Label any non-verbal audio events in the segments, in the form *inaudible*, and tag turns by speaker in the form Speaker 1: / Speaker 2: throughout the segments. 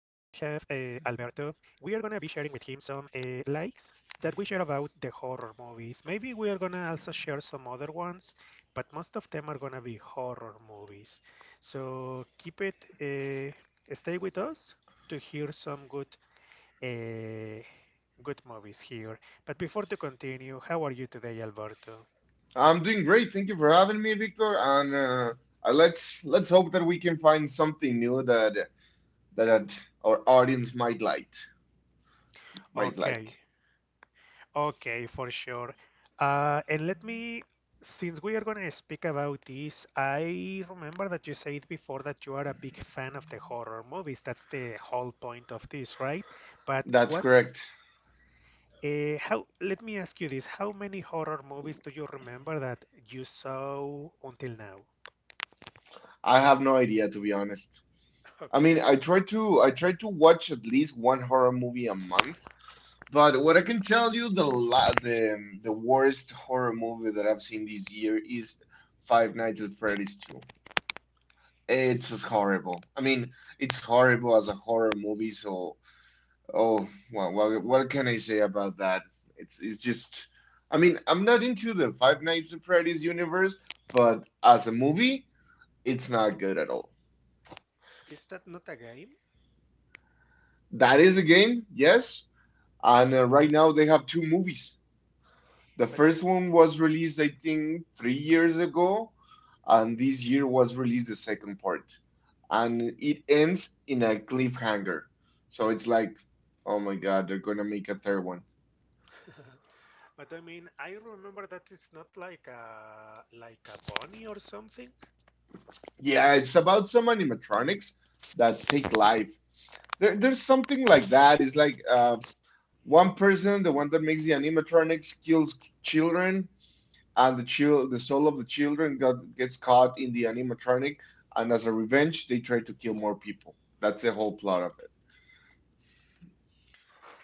Speaker 1: We are going to be sharing with him some likes that we share about the horror movies. Maybe we are going to also share some other ones, but most of them are going to be horror movies. So keep it, uh, stay with us to hear some good uh, good movies here. But before to continue, how are you today, Alberto?
Speaker 2: I'm doing great. Thank you for having me, Victor. And Let's hope that we can find something new that our audience might like. Might
Speaker 1: Okay.
Speaker 2: like.
Speaker 1: Okay, for sure. And let me, since we are going to speak about this, I remember that you said before that you are a big fan of the horror movies. That's the whole point of this, right? But
Speaker 2: That's correct.
Speaker 1: let me ask you this, how many horror movies do you remember that you saw until now? *laughs*
Speaker 2: I have no idea, to be honest. I mean,
Speaker 1: Okay,
Speaker 2: I try to watch at least one horror movie a month. But what I can tell you, the la the worst horror movie that I've seen this year is Five Nights at Freddy's 2. It's just horrible. I mean, it's horrible as a horror movie, so. Oh, well, what can I say about that? It's just, I mean, I'm not into the Five Nights at Freddy's universe, but as a movie, it's not good at all.
Speaker 1: is that not a game?
Speaker 2: That is a game, yes, and right now they have two movies. The
Speaker 1: But I
Speaker 2: first one was released, I think, 3 years ago, and this year was released the second part, and it ends in a cliffhanger. So it's like, oh my God, they're gonna make a third one.
Speaker 1: But I mean, I remember that it's not like like a bunny or something.
Speaker 2: Yeah, it's about some animatronics that take life. There's something like that. It's like one person, the one that makes the animatronics, kills children, and the soul of the children gets caught in the animatronic, and as a revenge, they try to kill more people. That's the whole plot of it.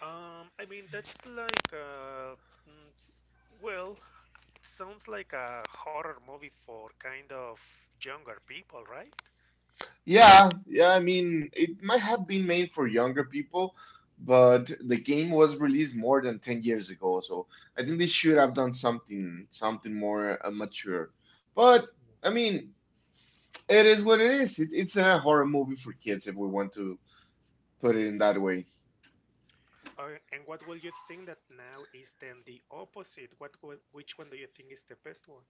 Speaker 1: I mean, that's like, mm, well, it sounds like a horror movie for kind of younger people, right?
Speaker 2: Yeah, yeah, I mean, it might have been made for younger people, but the game was released more than 10 years ago, so I think they should have done something more mature. But I mean, it is what it is. It's a horror movie for kids, if we want to put it in that way.
Speaker 1: Or, and what will you think that now is then the opposite? What, which one do you think is the best one?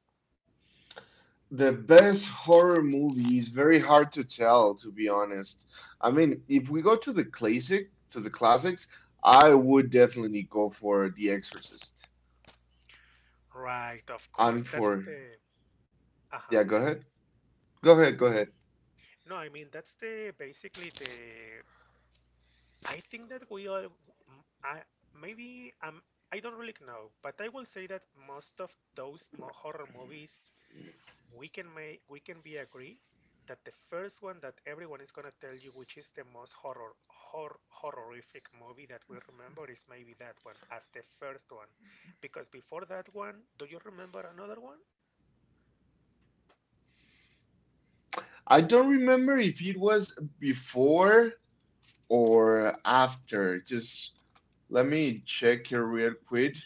Speaker 2: The best horror movie is very hard to tell, to be honest. I mean, if we go to the classic, to the classics, I would definitely go for The Exorcist
Speaker 1: Right, of course.
Speaker 2: and
Speaker 1: That's
Speaker 2: for...
Speaker 1: the. Uh-huh,
Speaker 2: Yeah, go
Speaker 1: tell me.
Speaker 2: ahead. Go ahead.
Speaker 1: No, I mean, that's the basically the. I think that we are. I maybe I don't really know, but I will say that most of those mo horror movies we can be agree that the first one that everyone is gonna tell you which is the most horror horrific movie that we remember is maybe that one as the first one, because before that one, do you remember another one?
Speaker 2: I don't remember if it was before or after. Just let me check here real quick.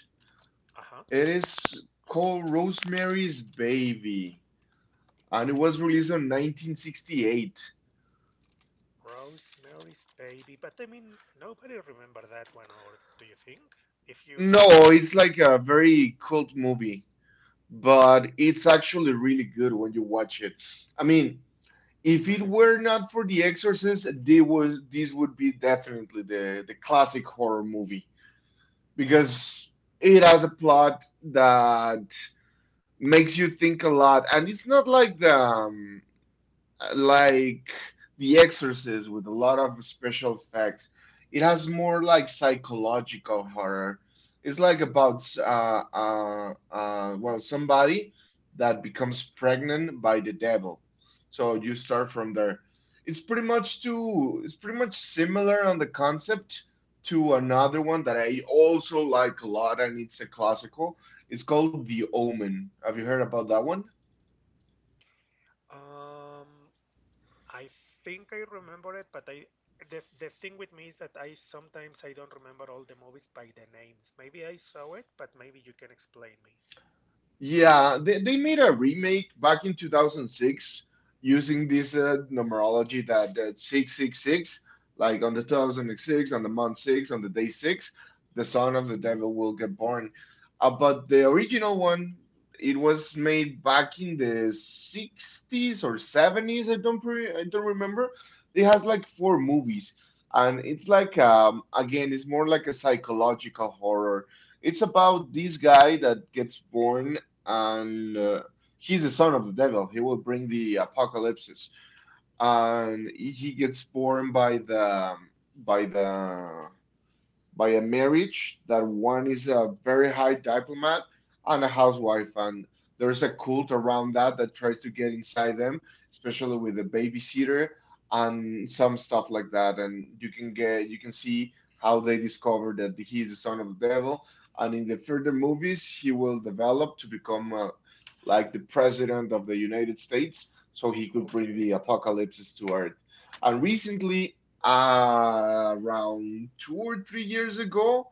Speaker 1: Uh-huh.
Speaker 2: It is called Rosemary's Baby, and it was released in 1968.
Speaker 1: Rosemary's Baby, but I mean nobody remember that one, or do you think if you
Speaker 2: No,
Speaker 1: can ask
Speaker 2: it's like a very cult movie, but it's actually really good when you watch it. I mean, if it
Speaker 1: really?
Speaker 2: were not for The Exorcist, they would, this would be definitely the classic horror movie, because it has a plot that makes you think a lot, and it's not like the like The Exorcist with a lot of special effects. It has more like psychological horror. It's like about well, somebody that becomes pregnant by the devil. So you start from there. It's pretty much too. It's pretty much similar on the concept to another one that I also like a lot, and it's a classical. It's called The Omen. Have you heard about that one?
Speaker 1: um I think I remember it, but I the thing with me is that I sometimes I don't remember all the movies by the names. Maybe I saw it, but maybe you can explain me.
Speaker 2: Yeah, they made a remake back in 2006 using this numerology that, that 666, like on the 2006, on the month 6, on the day 6, the son of
Speaker 1: Okay.
Speaker 2: the devil will get born. But the original one, it was made back in the 60s or 70s. I don't remember. It has like four movies, and it's like again, it's more like a psychological horror. It's about this guy that gets born and he's the son of the devil. He will bring the apocalypse, and he gets born by the by the by a marriage that one is a very high diplomat and a housewife, and there's a cult around that, that tries to get inside them, especially with the babysitter and some stuff like that. And you can see how they discover that he is the son of the devil, and in the further movies he will develop to become like the president of the United States, so he could bring
Speaker 1: Okay.
Speaker 2: the apocalypse to earth. And recently, around 2 or 3 years ago,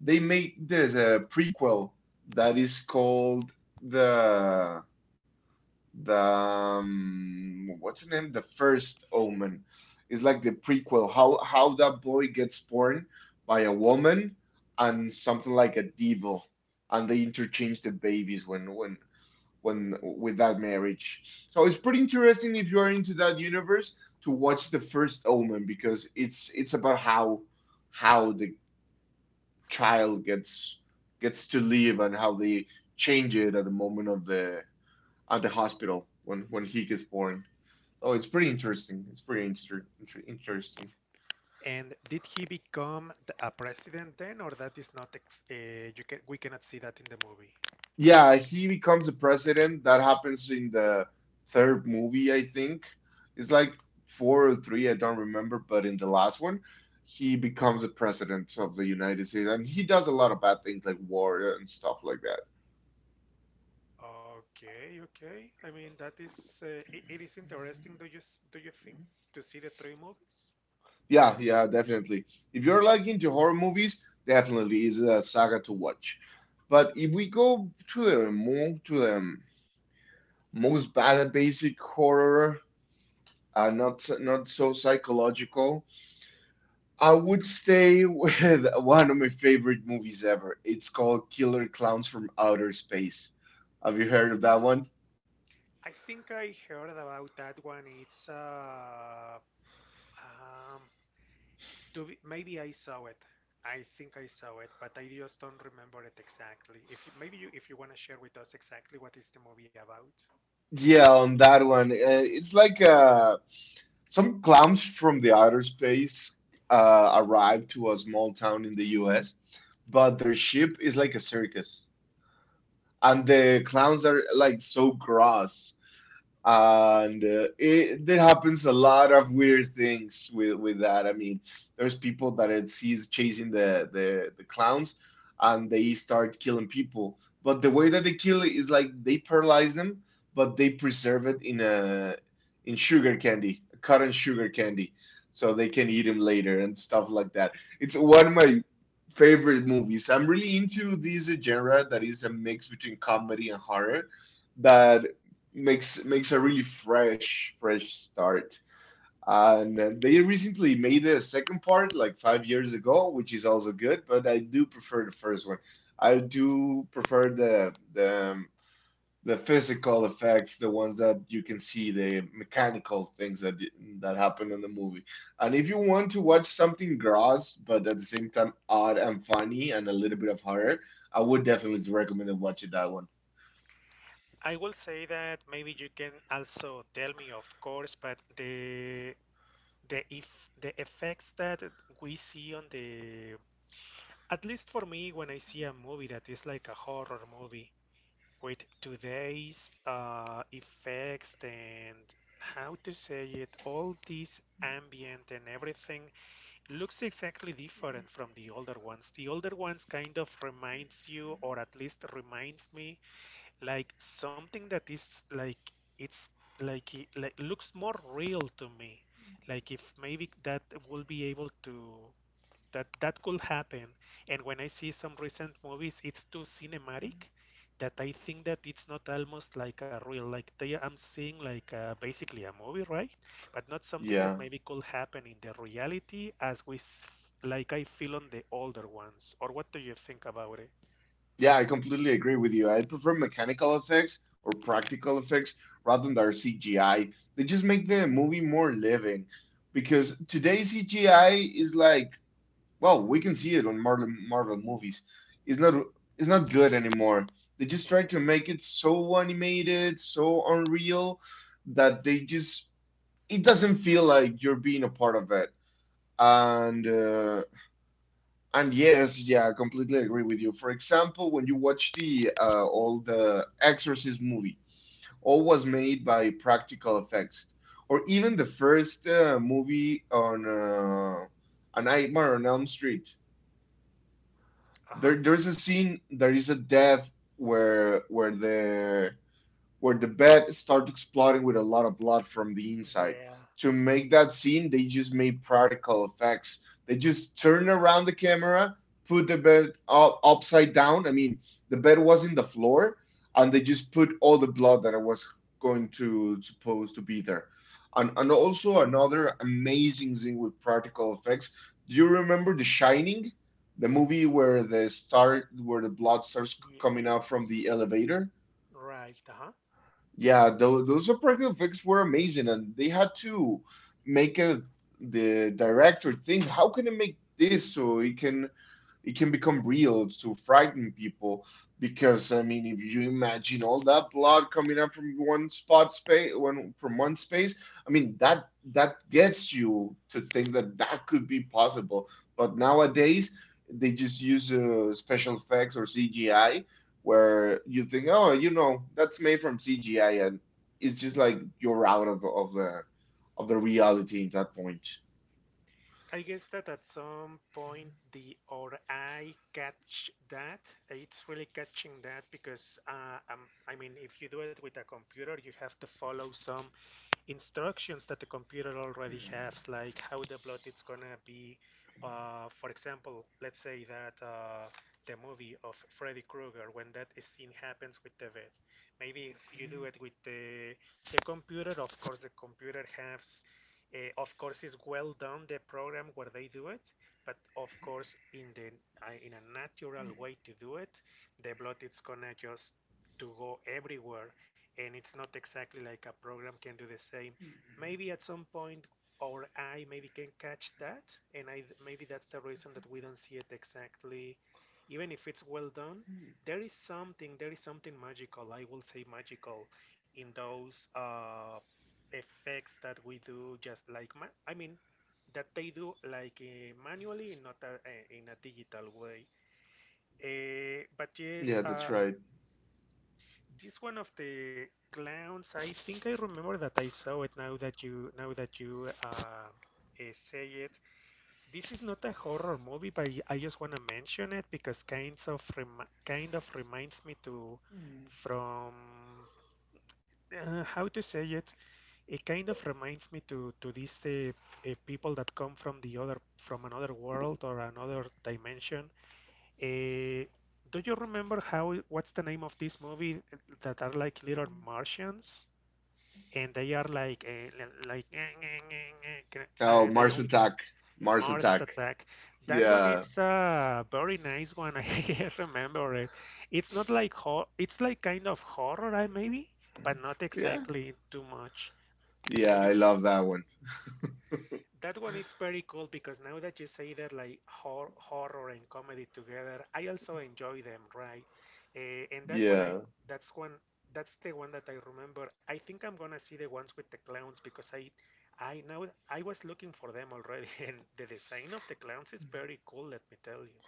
Speaker 2: they made this prequel that is called the the what's the name? The First Omen. It's like the prequel, how that boy gets born by a woman and something like a devil, and they interchange the babies when with that marriage. So it's pretty interesting, if you are into that universe, to watch the first Omen, because it's about how the child gets to live, and how they change it at the moment of the... at the hospital when he gets born. Oh, it's pretty interesting. It's pretty interesting.
Speaker 1: And did he become a president then, or that is not ex you can we cannot see that in the movie?
Speaker 2: Yeah, he becomes the president. That happens in the third movie, I think. It's like four or three, I don't remember, but in the last one, he becomes the president of the United States, and he does a lot of bad things like war and stuff like that.
Speaker 1: Okay, okay. I mean that is, it, it is interesting.
Speaker 2: Mm.
Speaker 1: Do you do you think to see the three movies?
Speaker 2: Yeah, yeah, definitely. If you're like into horror movies, definitely is a saga to watch. But if we go to the more to the most bad basic horror, not so psychological, I would stay with *laughs* one of my favorite movies ever. It's called Killer Clowns from Outer Space. Have you heard of that one?
Speaker 1: I think I heard about that one. It's um To be, maybe I saw it. I think I saw it, but I just don't remember it exactly. If you, maybe you, if you want to share with us exactly what is the movie about.
Speaker 2: Yeah, on that one, it's like some clowns from the outer space arrive to a small town in the U.S., but their ship is like a circus, and the clowns
Speaker 1: Okay.
Speaker 2: are like so gross. And it there happens a lot of weird things with that. I mean, there's people that it sees chasing the clowns, and they start killing people. But the way that they kill it is like they paralyze them, but they preserve it in a... in sugar candy, cotton sugar candy, so they can eat them later and stuff like that. It's one of my favorite movies. I'm really into this genre that is a mix between comedy and horror, that makes a really fresh start, and they recently made a second part like 5 years ago, which is also good, but I do prefer the first one. I do prefer the physical effects, the ones that you can see, the mechanical things that happen in the movie. And if you want to watch something gross but at the same time odd and funny and a little bit of horror, I would definitely recommend watching that one.
Speaker 1: I will say that maybe you can also tell me, of course, but the if the effects that we see on the, at least for me when I see a movie that is like a horror movie with today's effects and how to say it, all this ambient and everything looks exactly different from the older ones. The older ones kind of reminds you, or at least reminds me, like something that is like it's it like looks more real to me. Like if maybe that will be able to that that could happen. And when I see some recent movies, it's too cinematic that I think that it's not almost like a real, like they, I'm seeing like basically a movie, right? But not something that
Speaker 2: Yeah.
Speaker 1: maybe could happen in the reality as we, s- like I feel on the older ones. Or what do you think about it?
Speaker 2: Yeah, I completely agree with you. I prefer mechanical effects or practical effects rather than their CGI. They just make the movie more living, because today's CGI is like, well, we can see it on Marvel movies. It's not it's not good anymore. They just try to
Speaker 1: Mhm.
Speaker 2: make it so animated, so unreal, that they just it doesn't feel like you're being a part of it. And uh, and yes, yeah, I completely agree with you. For example, when you watch the all the Exorcist movie, all was made by practical effects, or even the first movie on A Nightmare on Elm Street.
Speaker 1: Uh-huh.
Speaker 2: There's a scene. There is a death where the bed starts exploding with a lot of blood from the inside.
Speaker 1: Yeah.
Speaker 2: To make that scene, they just made practical effects. They just turned around the camera, put the bed up, upside down. I mean, the bed was in the floor, and they just put all the blood that was going to supposed to be there. And also another amazing thing with practical effects. Do you remember The Shining, the movie where the blood starts
Speaker 1: Ye-
Speaker 2: coming out from
Speaker 1: ye-
Speaker 2: the elevator?
Speaker 1: right. Uh-huh.
Speaker 2: Yeah, those practical effects were amazing, and they had to make a... the director think, how can I make this so it can... it can become real to frighten people, because I mean, if you imagine all that blood coming up from one spot space one from one space, I mean, that that gets you to think that that could be possible. But nowadays they just use special effects or CGI, where you think, oh, you know that's made from CGI, and it's just like you're out of the of the of the reality at that point.
Speaker 1: I guess that at some point the or I catch that. It's really catching that because I mean, if you do it with a computer, you have to follow some instructions that the computer already has, like how the plot is gonna be. For example, let's say that the movie of Freddy Krueger, when that scene happens with the bed, maybe if you do it with the computer, of course the computer has, of course is well done the program where they do it, but of course in the in a natural way to do it, the blood is gonna just to go everywhere and it's not exactly like a program can do the same. Maybe at some point our eye maybe can catch that, and I maybe that's the reason that we don't see it exactly. Even if it's well done, there is something magical. I will say magical in those effects that we do, just like I mean that they do like manually, not in a digital way. But yes,
Speaker 2: Yeah, that's right.
Speaker 1: this one of the clowns. I think I remember that I saw it now that you say it. This is not a horror movie, but I just want to mention it because kind of reminds me to from how to say it. It kind of reminds me to these people that come from the other from another world or another dimension. Eh, do you remember how what's the name of this movie that are like little Martians and they are like like
Speaker 2: Oh,
Speaker 1: they
Speaker 2: Mars
Speaker 1: only
Speaker 2: Attack. Mars
Speaker 1: Mars
Speaker 2: Attack.
Speaker 1: attack. That one
Speaker 2: Yeah.
Speaker 1: it's a very nice one. *laughs* I remember it. It's not like hor it's like kind of horror, I maybe, but not
Speaker 2: Yeah.
Speaker 1: exactly too much.
Speaker 2: Yeah,
Speaker 1: Do
Speaker 2: I
Speaker 1: you.
Speaker 2: love that one.
Speaker 1: That one it's very cool because now that you say that like horror and comedy together, I also enjoy them, right? And that one I
Speaker 2: Yeah.
Speaker 1: that's one that's the one that I remember. I think I'm gonna see the ones with the clowns because I know I was looking for them already *laughs* and the design of the clowns is very cool, let me tell you.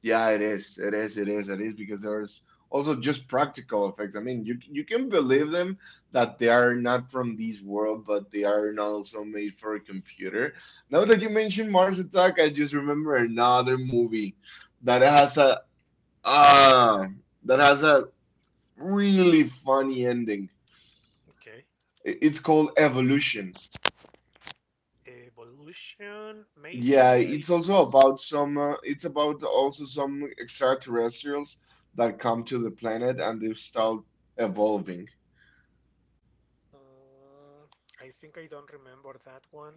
Speaker 2: Yeah, it is. It is. It is. It is. Because there's also just practical effects. I mean, you can believe them that they are not from this world, but they are not also made for a computer. Now that you mentioned Mars Attack, I just remember another movie that
Speaker 1: uh
Speaker 2: has a... ah that has a really funny ending.
Speaker 1: Okay.
Speaker 2: It's called Evolution.
Speaker 1: Evolution.
Speaker 2: Yeah,
Speaker 1: Maybe I.
Speaker 2: it's also
Speaker 1: s-
Speaker 2: about some, it's about also some extraterrestrials that come to the planet and they've start evolving.
Speaker 1: Mm, I think I don't remember that one.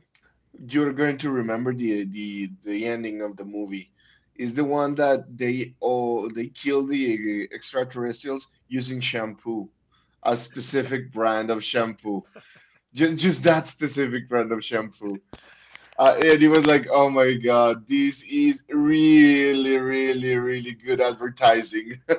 Speaker 2: You're going to remember the ending of the movie. Is the one that they oh they kill the extraterrestrials using shampoo, a specific brand of shampoo. Just that specific brand of shampoo. And he was
Speaker 1: Okay.
Speaker 2: like, "Oh my God, this is really, really, really good advertising." *laughs*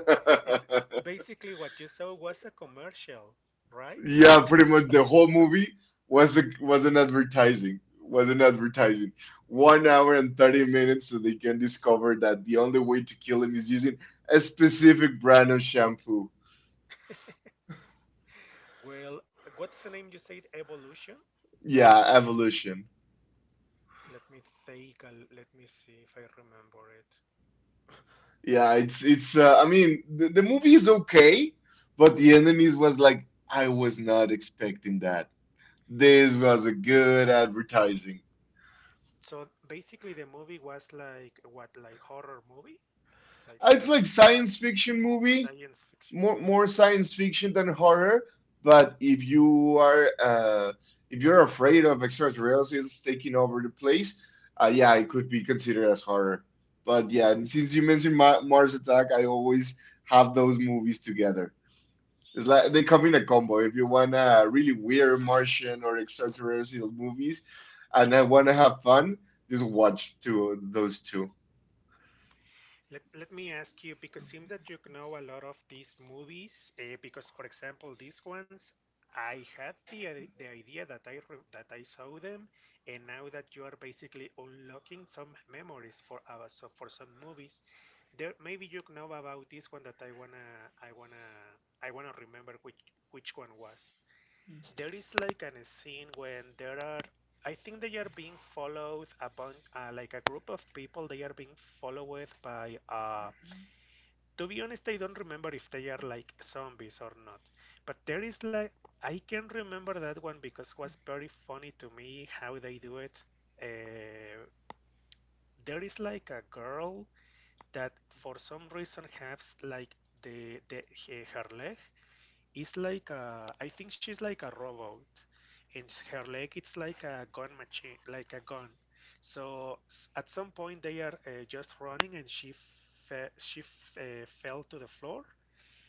Speaker 1: It's basically what you saw was a commercial, right?
Speaker 2: Yeah, pretty much the whole movie was an advertising. One hour and 30 minutes so they can discover that the only way to kill him is using a specific brand of shampoo.
Speaker 1: Well, what's the name you said? Evolution?
Speaker 2: Yeah, evolution.
Speaker 1: Let me think. Let me see if I remember it.
Speaker 2: Yeah, it's I mean, the movie is okay, but the enemies was like I was not expecting. This was a good advertising.
Speaker 1: So basically, the movie was like what, like horror movie, like
Speaker 2: It's like science fiction movie,
Speaker 1: science fiction.
Speaker 2: more science fiction than horror. But if you are if you're afraid of extraterrestrials taking over the place, yeah, it could be considered as horror. But yeah, and since you mentioned Ma Mars Attack, I always have those movies together. It's like they come in a combo. If you want a really weird Martian or extraterrestrial movies, and I want to have fun, just watch two those two.
Speaker 1: Let, let me ask you because it seems that you know a lot of these movies. Because for example, these ones, I had the idea that I re that I saw them, and now that you are basically unlocking some memories for our so for some movies, there maybe you know about this one that I wanna I wanna remember which one was. There is like an scene when there are, I think they are being followed a bunch, like a group of people. They are being followed by. To be honest, I don't remember if they are like zombies or not. But there is like I can remember that one because it was very funny to me how they do it. Uh, there is like a girl that for some reason has like her leg it's like a, I think she's like a robot, and her leg it's like a gun machine, like a gun. So at some point they are just running, and she fell to the floor,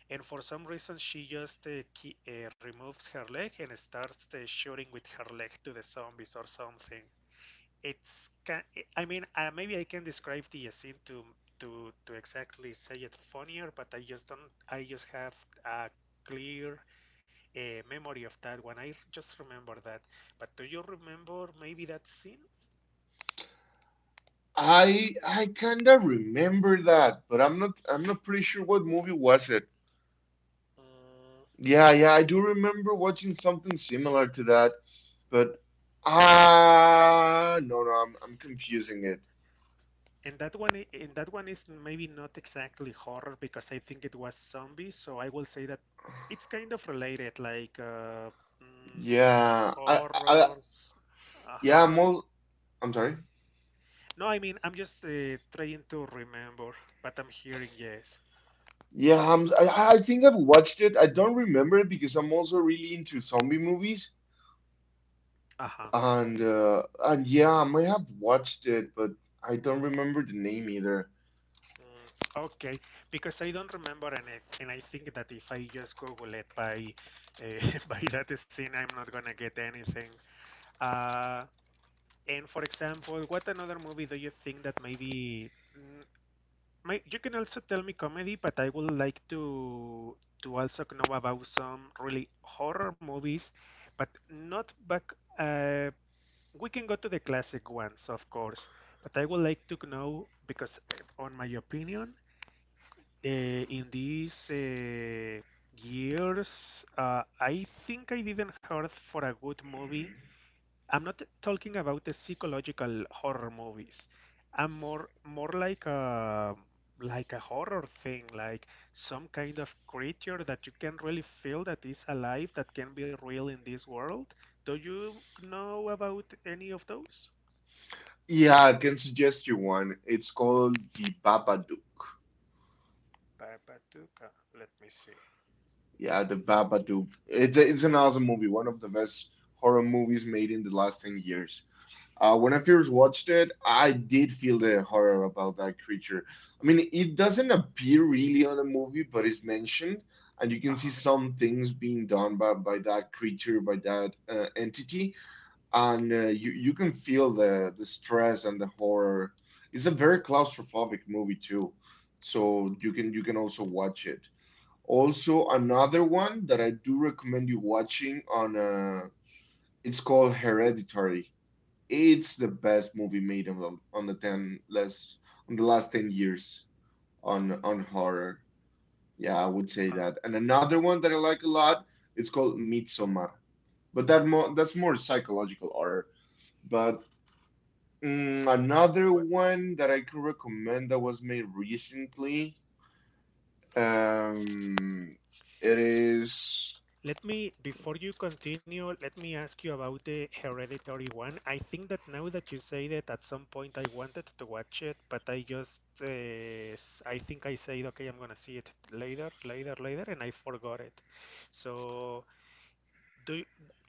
Speaker 1: and for some reason she just removes her leg and starts shooting with her leg to the zombies or something. It's can I mean maybe I can describe the scene to exactly say it funnier, but I just don't I just have a clear a memory of that one. I just remember that. But do you remember maybe that scene?
Speaker 2: I kinda remember that, but I'm not pretty sure what movie was it.
Speaker 1: Mm,
Speaker 2: Yeah, yeah, I do remember watching something similar to that, but ah, no, no, I'm confusing it.
Speaker 1: and that one, and that one is maybe not exactly horror because I think it was zombies. So I will say that it's kind of related, like
Speaker 2: Yeah, I I
Speaker 1: horrors. Uh-huh.
Speaker 2: yeah, I'm all I'm sorry.
Speaker 1: No, I mean I'm just trying to remember, but I'm hearing yes.
Speaker 2: I think I've watched it. I don't remember it because I'm also really into zombie movies,
Speaker 1: Uh-huh.
Speaker 2: and yeah, I might have watched it, but I don't remember the name either.
Speaker 1: Mm. Okay, because I don't remember, and I think that if I just Google it by uh, *laughs* by that scene, I'm not gonna get anything. Uh, and for example, what another movie do you think that mm, you can also tell me comedy, but I would like to also know about some really horror movies, but not back. Uh, we can go to the classic ones, of course, but I would like to know because, on my opinion. In these years, I think I didn't heard for a good movie. I'm not talking about the psychological horror movies. I'm more like a horror thing, like some kind of creature that you can really feel that is alive, that can be real in this world. Do you know about any of those?
Speaker 2: Yeah, I can suggest you one. It's called The Babadook.
Speaker 1: Babatuka, let me see.
Speaker 2: Yeah, The Babadook. It's an awesome movie, one of the best horror movies made in the last 10 years. When I first watched it, I did feel the horror about that creature. I mean, it doesn't appear really on the movie, but it's mentioned, and you can see
Speaker 1: Uh-huh.
Speaker 2: some things being done by that creature, by that entity. And you can feel the stress and the horror. It's a very claustrophobic movie too, so you can also watch it. Also, another one that I do recommend you watching on it's called Hereditary. It's the best movie made on the ten less on the last 10 years on horror. Yeah, I would say
Speaker 1: Uh,
Speaker 2: that. And another one that I like a lot, it's called Midsommar. But that more that's more psychological horror. But mm, another
Speaker 1: wh
Speaker 2: one that I can recommend that was made recently. Um, it is
Speaker 1: Let me, before you continue, let me ask you about the Hereditary one. I think that now that you say that at some point I wanted to watch it, but I just, I think I said, okay, I'm gonna see it later, later, later, and I forgot it. So do you,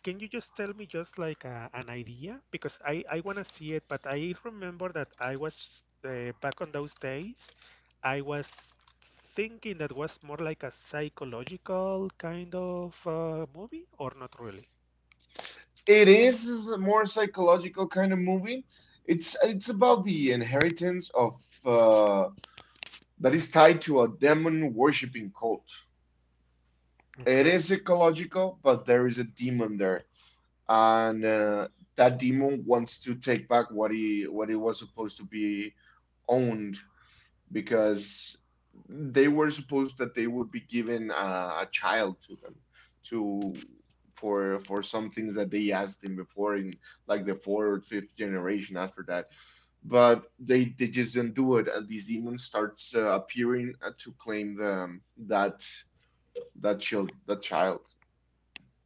Speaker 1: can you just tell me just like a, an idea? Because I want to see it, but I remember that I was back on those days, I was thinking that was more like a psychological kind of movie, or not really.
Speaker 2: it is a more psychological kind of movie. It's about the inheritance of uh, that is tied to a demon worshipping cult. It
Speaker 1: Okay.
Speaker 2: is ecological, but there is a demon there, and that demon wants to take back what he was supposed to be owned, because they were supposed that they would be given a child to them to for some things that they asked him before in like the fourth or fifth generation after that. But they just don't do it, and these demons starts appearing to claim the that that child.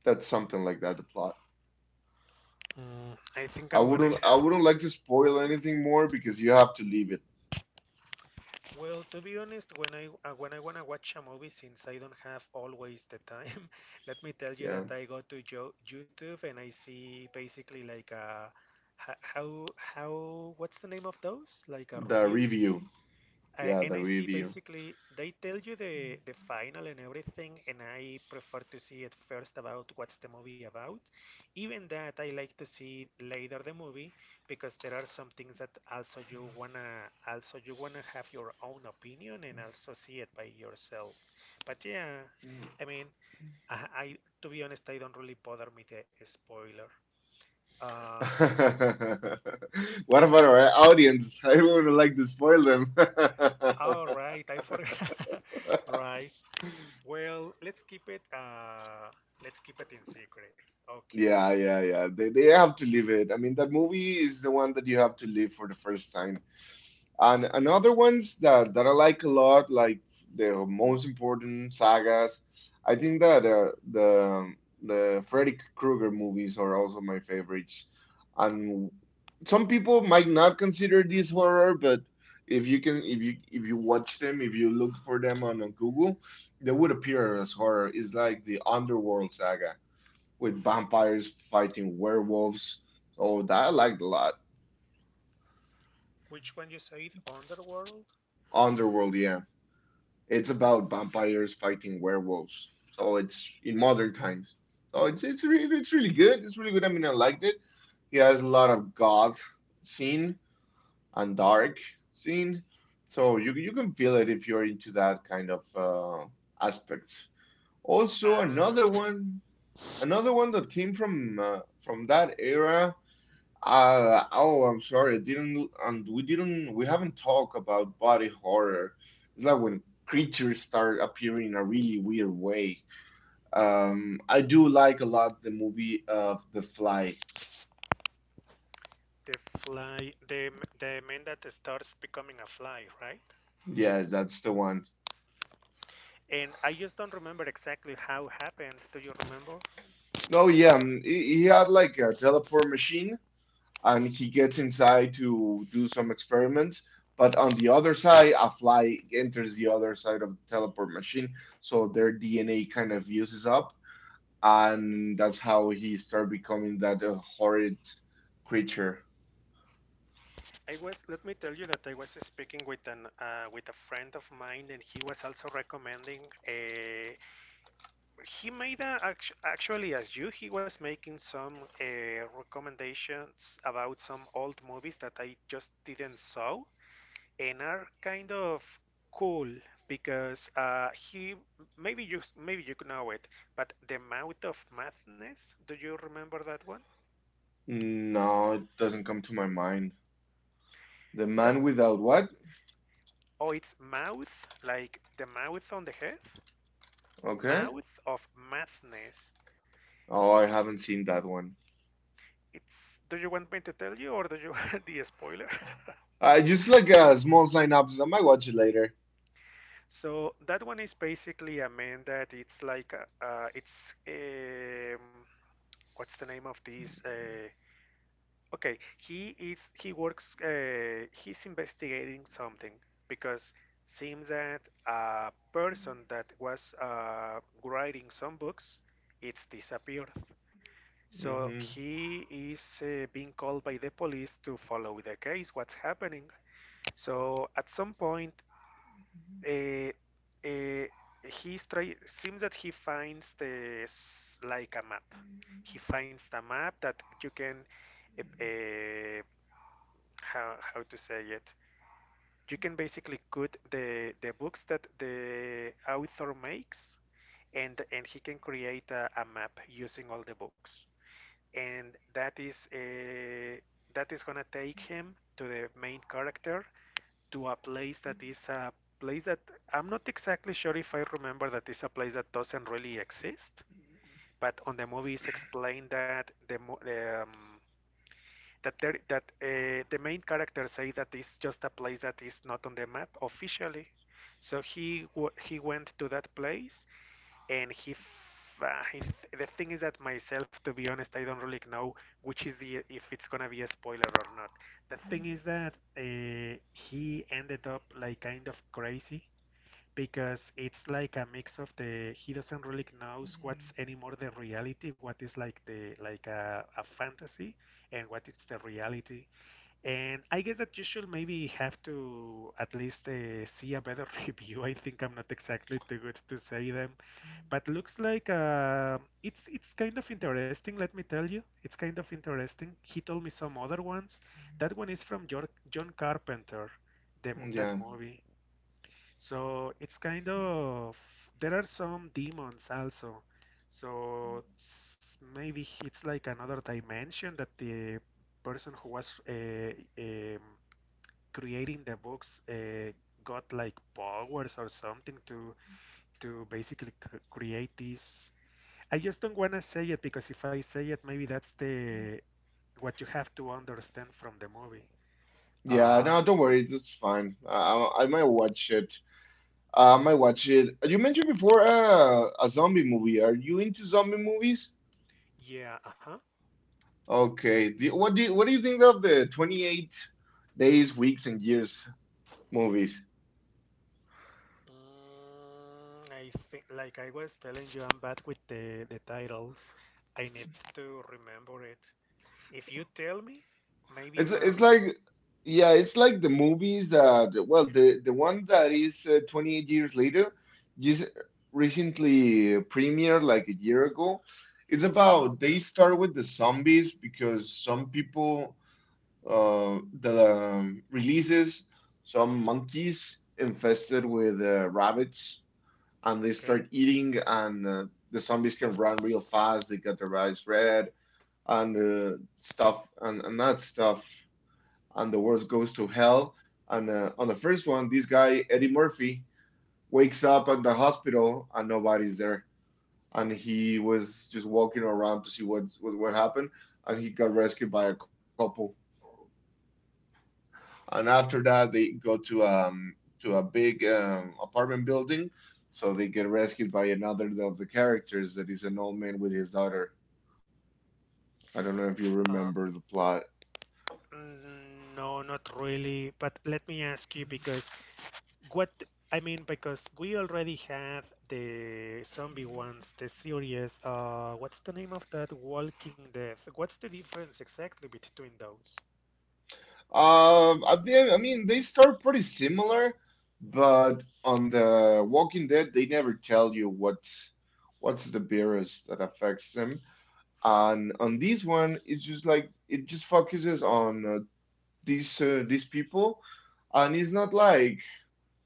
Speaker 2: That's something like that, the plot.
Speaker 1: I think
Speaker 2: i
Speaker 1: I'm gonna
Speaker 2: wouldn't i
Speaker 1: have.
Speaker 2: wouldn't like to spoil anything more because you have to leave it.
Speaker 1: Well, to be honest, when I wanna watch a movie, since I don't have always the time, *laughs* let me tell you that
Speaker 2: Yeah,
Speaker 1: I go to jo YouTube and I see basically like how what's the name of those? Like a
Speaker 2: the
Speaker 1: review?
Speaker 2: review. Yeah,
Speaker 1: And
Speaker 2: the
Speaker 1: I see
Speaker 2: review.
Speaker 1: basically they tell you the final and everything, and I prefer to see at first about what's the movie about. Even that I like to see later the movie, because there are some things that also you wanna, also you wanna have your own opinion and also see it by yourself. But yeah, I mean, I to be honest, I don't really bother me the spoiler. Um,
Speaker 2: *laughs* What about our audience? I do not want to like to spoil them. *laughs*
Speaker 1: all right, I forgot. *laughs* Right. Well, let's keep it, let's keep it in secret. Okay.
Speaker 2: Yeah, yeah, yeah. They have to live it. I mean, that movie is the one that you have to live for the first time. And other ones that that I like a lot, like the most important sagas. I think that the Freddy Krueger movies are also my favorites. And some people might not consider these horror, but if you can, if you watch them, if you look for them on Google, they would appear as horror. It's like the Underworld saga with vampires fighting werewolves. So that I liked a lot.
Speaker 1: Which one you said? Underworld?
Speaker 2: Underworld, yeah. It's
Speaker 1: But
Speaker 2: about vampires fighting werewolves. So it's in modern times. So it's really good. It's really good. I mean, I liked it. He has a lot of goth scene and dark scene. So you can feel it if you're into that kind of aspects. Also,
Speaker 1: Ah, okay.
Speaker 2: another one that came from that era oh, I'm sorry. I didn't, and we didn't, we haven't talked about body horror. It's like when creatures start appearing in a really weird way. I do like a lot the movie of The Fly.
Speaker 1: The fly, the man that starts becoming a fly, right?
Speaker 2: Yes, that's the one.
Speaker 1: And I just don't remember exactly how happened. Do you remember?
Speaker 2: No, yeah, he had like a teleport machine, and he gets inside to do some experiments. But on the other side, a fly enters the other side of the teleport machine, so their DNA kind of uses up, and that's how he started becoming that horrid creature.
Speaker 1: I was, let me tell you that I was speaking with an with a friend of mine and he was also recommending uh, he made a, actually as you he was making some recommendations about some old movies that I just didn't saw and are kind of cool because he, maybe you, maybe you know it, but The Mouth of Madness, do you remember that one?
Speaker 2: No, it doesn't come to my mind. The
Speaker 1: That,
Speaker 2: Man Without What?
Speaker 1: oh, it's mouth, like the mouth on the head.
Speaker 2: Okay.
Speaker 1: Mouth of Madness.
Speaker 2: Oh, I
Speaker 1: It,
Speaker 2: haven't seen that one.
Speaker 1: it's, do you want me to tell you or do you *laughs* want the spoiler? *laughs*
Speaker 2: Just like a small synopsis. I might watch it later.
Speaker 1: So that one is basically a man that it's like it's what's the name of this? Okay, he is, he works, he's investigating something because seems that a person that was writing some books it's disappeared. So
Speaker 2: Hmm.
Speaker 1: he is being called by the police to follow the case, what's happening. So at some point, uh, uh, he's try, seems that he finds this like a map. He finds the map that you can, uh, uh, how to say it. You can basically cut the books that the author makes, and he can create a map using all the books. And that is gonna take him to the main character, to a place that is a place that I'm not exactly sure if I remember, that is a place that doesn't really exist. But on the movie, it's explained that the um, that there that the main character say that it's just a place that is not on the map officially. So he went to that place and he, he, the thing is that myself, to be honest, I don't really know which is the, if it's gonna be a spoiler or not. The thing is that he ended up like kind of crazy because it's like a mix of the, he doesn't really knows what's anymore the reality, what is like the, like a fantasy, and what is the reality. And I guess that you should maybe have to at least see a better *laughs* review. I think I'm not exactly too good to say them, but looks like it's kind of interesting. Let me tell you, it's kind of interesting. He told me some other ones. That one is from Jor John Carpenter, the, that
Speaker 2: Yeah.
Speaker 1: movie. So it's kind of, there are some demons also. So, maybe it's like another dimension that the person who was creating the books got like powers or something to basically cr create these. I just don't want to say it because if I say it, maybe that's the, what you have to understand from the movie.
Speaker 2: Yeah,
Speaker 1: Uh,
Speaker 2: no, don't worry. That's fine. I might watch it. I might watch it. You mentioned before a zombie movie. Are you into zombie movies?
Speaker 1: yeah, uh-huh.
Speaker 2: Okay. Do, what do you think of the 28 days, weeks, and years movies?
Speaker 1: I think, like I was telling you, I'm bad with the titles. I need to remember it. If you tell me, maybe I'm gonna
Speaker 2: It's
Speaker 1: remember.
Speaker 2: like yeah, it's like the movies that well the one that is 28 years later just recently premiered like a year ago. It's
Speaker 1: Ah,
Speaker 2: about
Speaker 1: okay,
Speaker 2: they start with the zombies because some people the releases some monkeys infested with rabbits, and they
Speaker 1: okay.
Speaker 2: start eating and the zombies can run real fast. They got their eyes red, and and that stuff. And the world goes to hell. And on the first one, this guy Eddie Murphy wakes up at the hospital and nobody's there, and he was just walking around to see what happened, and he got rescued by a couple. And after
Speaker 1: Mm.
Speaker 2: that, they go to a big apartment building, so they get rescued by another of the characters that is an old man with his daughter. I don't know if you
Speaker 1: Uh,
Speaker 2: remember the plot.
Speaker 1: no, not really. But let me ask you, because what, I mean, because we already have the zombie ones, the series. What's the name of that? Walking Dead. What's the difference exactly between those?
Speaker 2: I mean, they start pretty similar, but on the Walking Dead, they never tell you what's the virus that affects them. And on this one, it's just like it just focuses on these people, and it's not like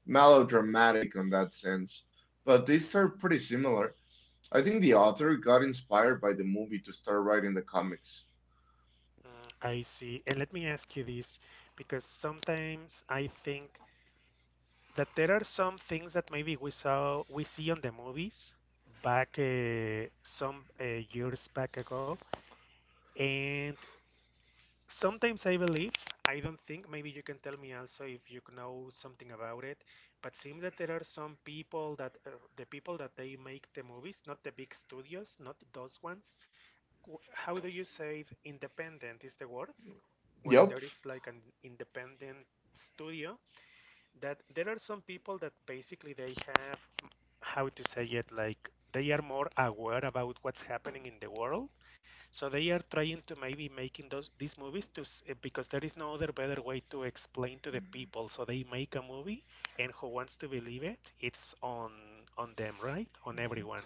Speaker 2: melodramatic on that sense. But they start
Speaker 1: Hmm.
Speaker 2: pretty similar. I think the author got inspired by the movie to start writing the comics.
Speaker 1: Mm. I see. And let me ask you this, because sometimes I think that there are some things that maybe we saw, we see on the movies back some years back ago, and sometimes I believe, I don't think, maybe you can tell me also if you know something about it, but seems that there are some people that the people that they make the movies, not the big studios, not those ones. How do you say, independent is the word, when
Speaker 2: Yep.
Speaker 1: there is like an independent studio, that there are some people that basically they have, how to say it, like they are more aware about what's happening in the world, so they are trying to maybe making those, these movies to, eh, because there is no other better way to explain to the people, so they make a movie and who wants to believe it, it's on them, right, on everyone.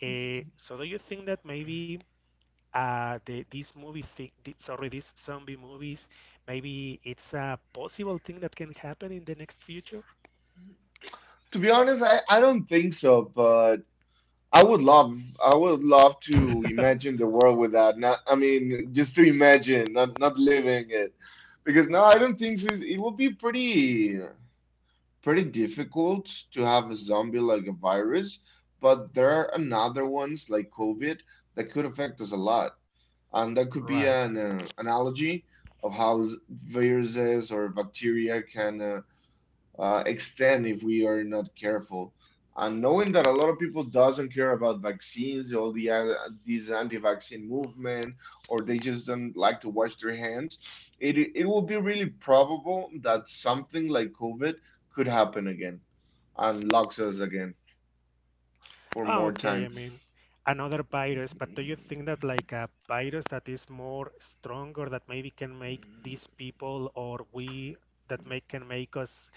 Speaker 1: Eh, so do you think that maybe the this movie, sorry, these zombie movies, maybe it's a possible thing that can happen in the next future?
Speaker 2: To be honest, I don't think so, but I would love to imagine the world without. Not, I mean, just to imagine, not not living it, because now I
Speaker 1: Okay.
Speaker 2: don't think so- it would be pretty pretty difficult to have a zombie like a virus. But there are another ones like COVID that could affect us a lot, and that could be
Speaker 1: Right.
Speaker 2: an analogy of how viruses or bacteria can extend if we are not careful. And knowing that a lot of people doesn't care about vaccines, all the this anti-vaccine movement, or they just don't like to wash their hands, it will be really probable that something like COVID could happen again and locks us again for
Speaker 1: Ah,
Speaker 2: more
Speaker 1: okay.
Speaker 2: time.
Speaker 1: I mean, another virus, but do you think that like a virus that is more stronger that maybe can make these people, or we, that make, can make us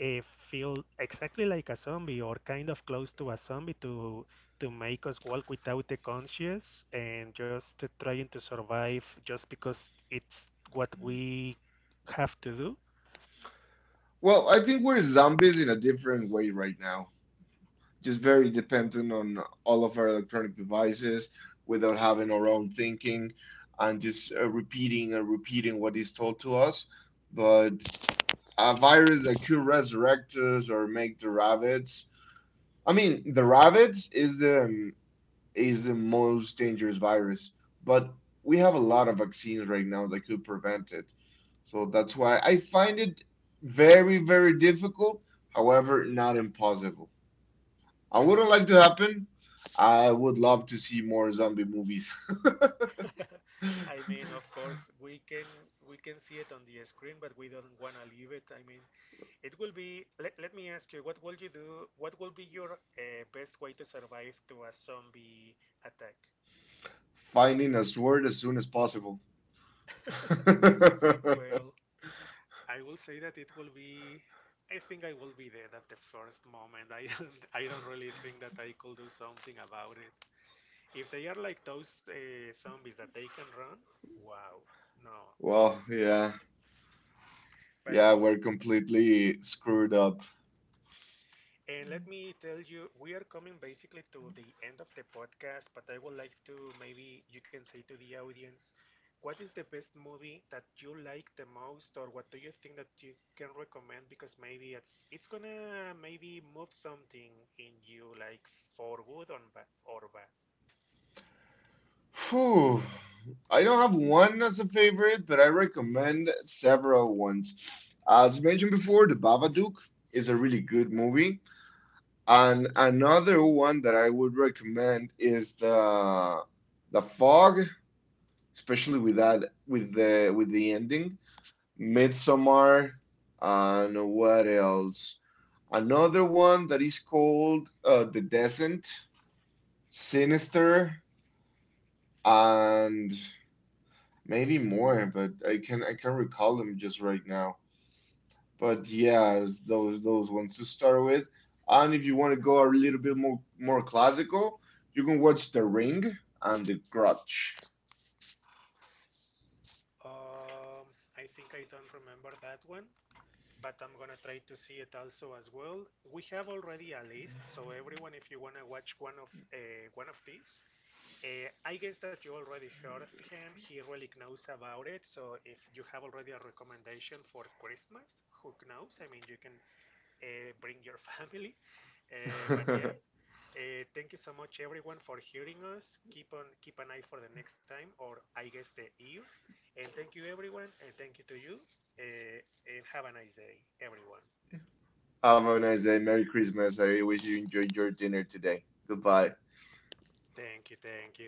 Speaker 1: uh, feel exactly like a zombie, or kind of close to a zombie, to make us walk without the conscience and just trying to survive just because it's what we have to do?
Speaker 2: Well, I think we're zombies in a different way right now, just very dependent on all of our electronic devices without having our own thinking and just repeating and repeating what is told to us. But a virus that could resurrect us or make the rabbits. I mean, the rabbits is the most dangerous virus, but we have a lot of vaccines right now that could prevent it. So that's why I find it very, very difficult, however, not impossible. I wouldn't like to happen. I would love to see more zombie movies.
Speaker 1: *laughs* I mean, of course,
Speaker 2: *laughs*
Speaker 1: we can, we can see it on the screen, but we don't want to leave it. I mean, it will be. Let, let me ask you, what will you do? What will be your best way to survive to a zombie attack?
Speaker 2: Finding a sword as soon as possible. *laughs*
Speaker 1: Well, I will say that it will be, I think I will be dead at the first moment. I *laughs* don't, I don't really think that I could do something about it. If they are like those zombies that they can run, wow, no.
Speaker 2: Well, yeah.
Speaker 1: But
Speaker 2: Yeah,
Speaker 1: o
Speaker 2: we're completely screwed up.
Speaker 1: And let me tell you, we are coming basically to the end of the podcast, but I would like to, maybe you can say to the audience, what is the best movie that you like the most, or what do you think that you can recommend? Because maybe it's gonna maybe move something in you, like for good or bad. Or bad.
Speaker 2: Phew. I don't have one as a favorite, but I recommend several ones. As mentioned before, The Babadook is a really good movie. And another one that I would recommend is The Fog, especially with that, with the ending. Midsommar, and what else? Another one that is called The Descent, Sinister, and maybe more, but I can recall them just right now. But yeah, those ones to start with. And if you want to go a little bit more classical, you can watch The Ring and The Grudge.
Speaker 1: Um, I think I don't remember that one, but I'm gonna try to see it also as well. We have already a list, so everyone, if you wanna watch one of these. I guess that you already heard of him. He really knows about it. So if you have already a recommendation for Christmas, who knows? I mean, you can bring your *laughs* family. But yeah,
Speaker 2: *laughs*
Speaker 1: thank you so much, everyone, for hearing us. Keep on, keep an eye for the next time, or I guess the ear. And thank you, everyone, and thank you to you. And have a nice day, everyone.
Speaker 2: Have a nice day. Merry Christmas. I wish you enjoyed your dinner today. Goodbye.
Speaker 1: Thank you, thank you.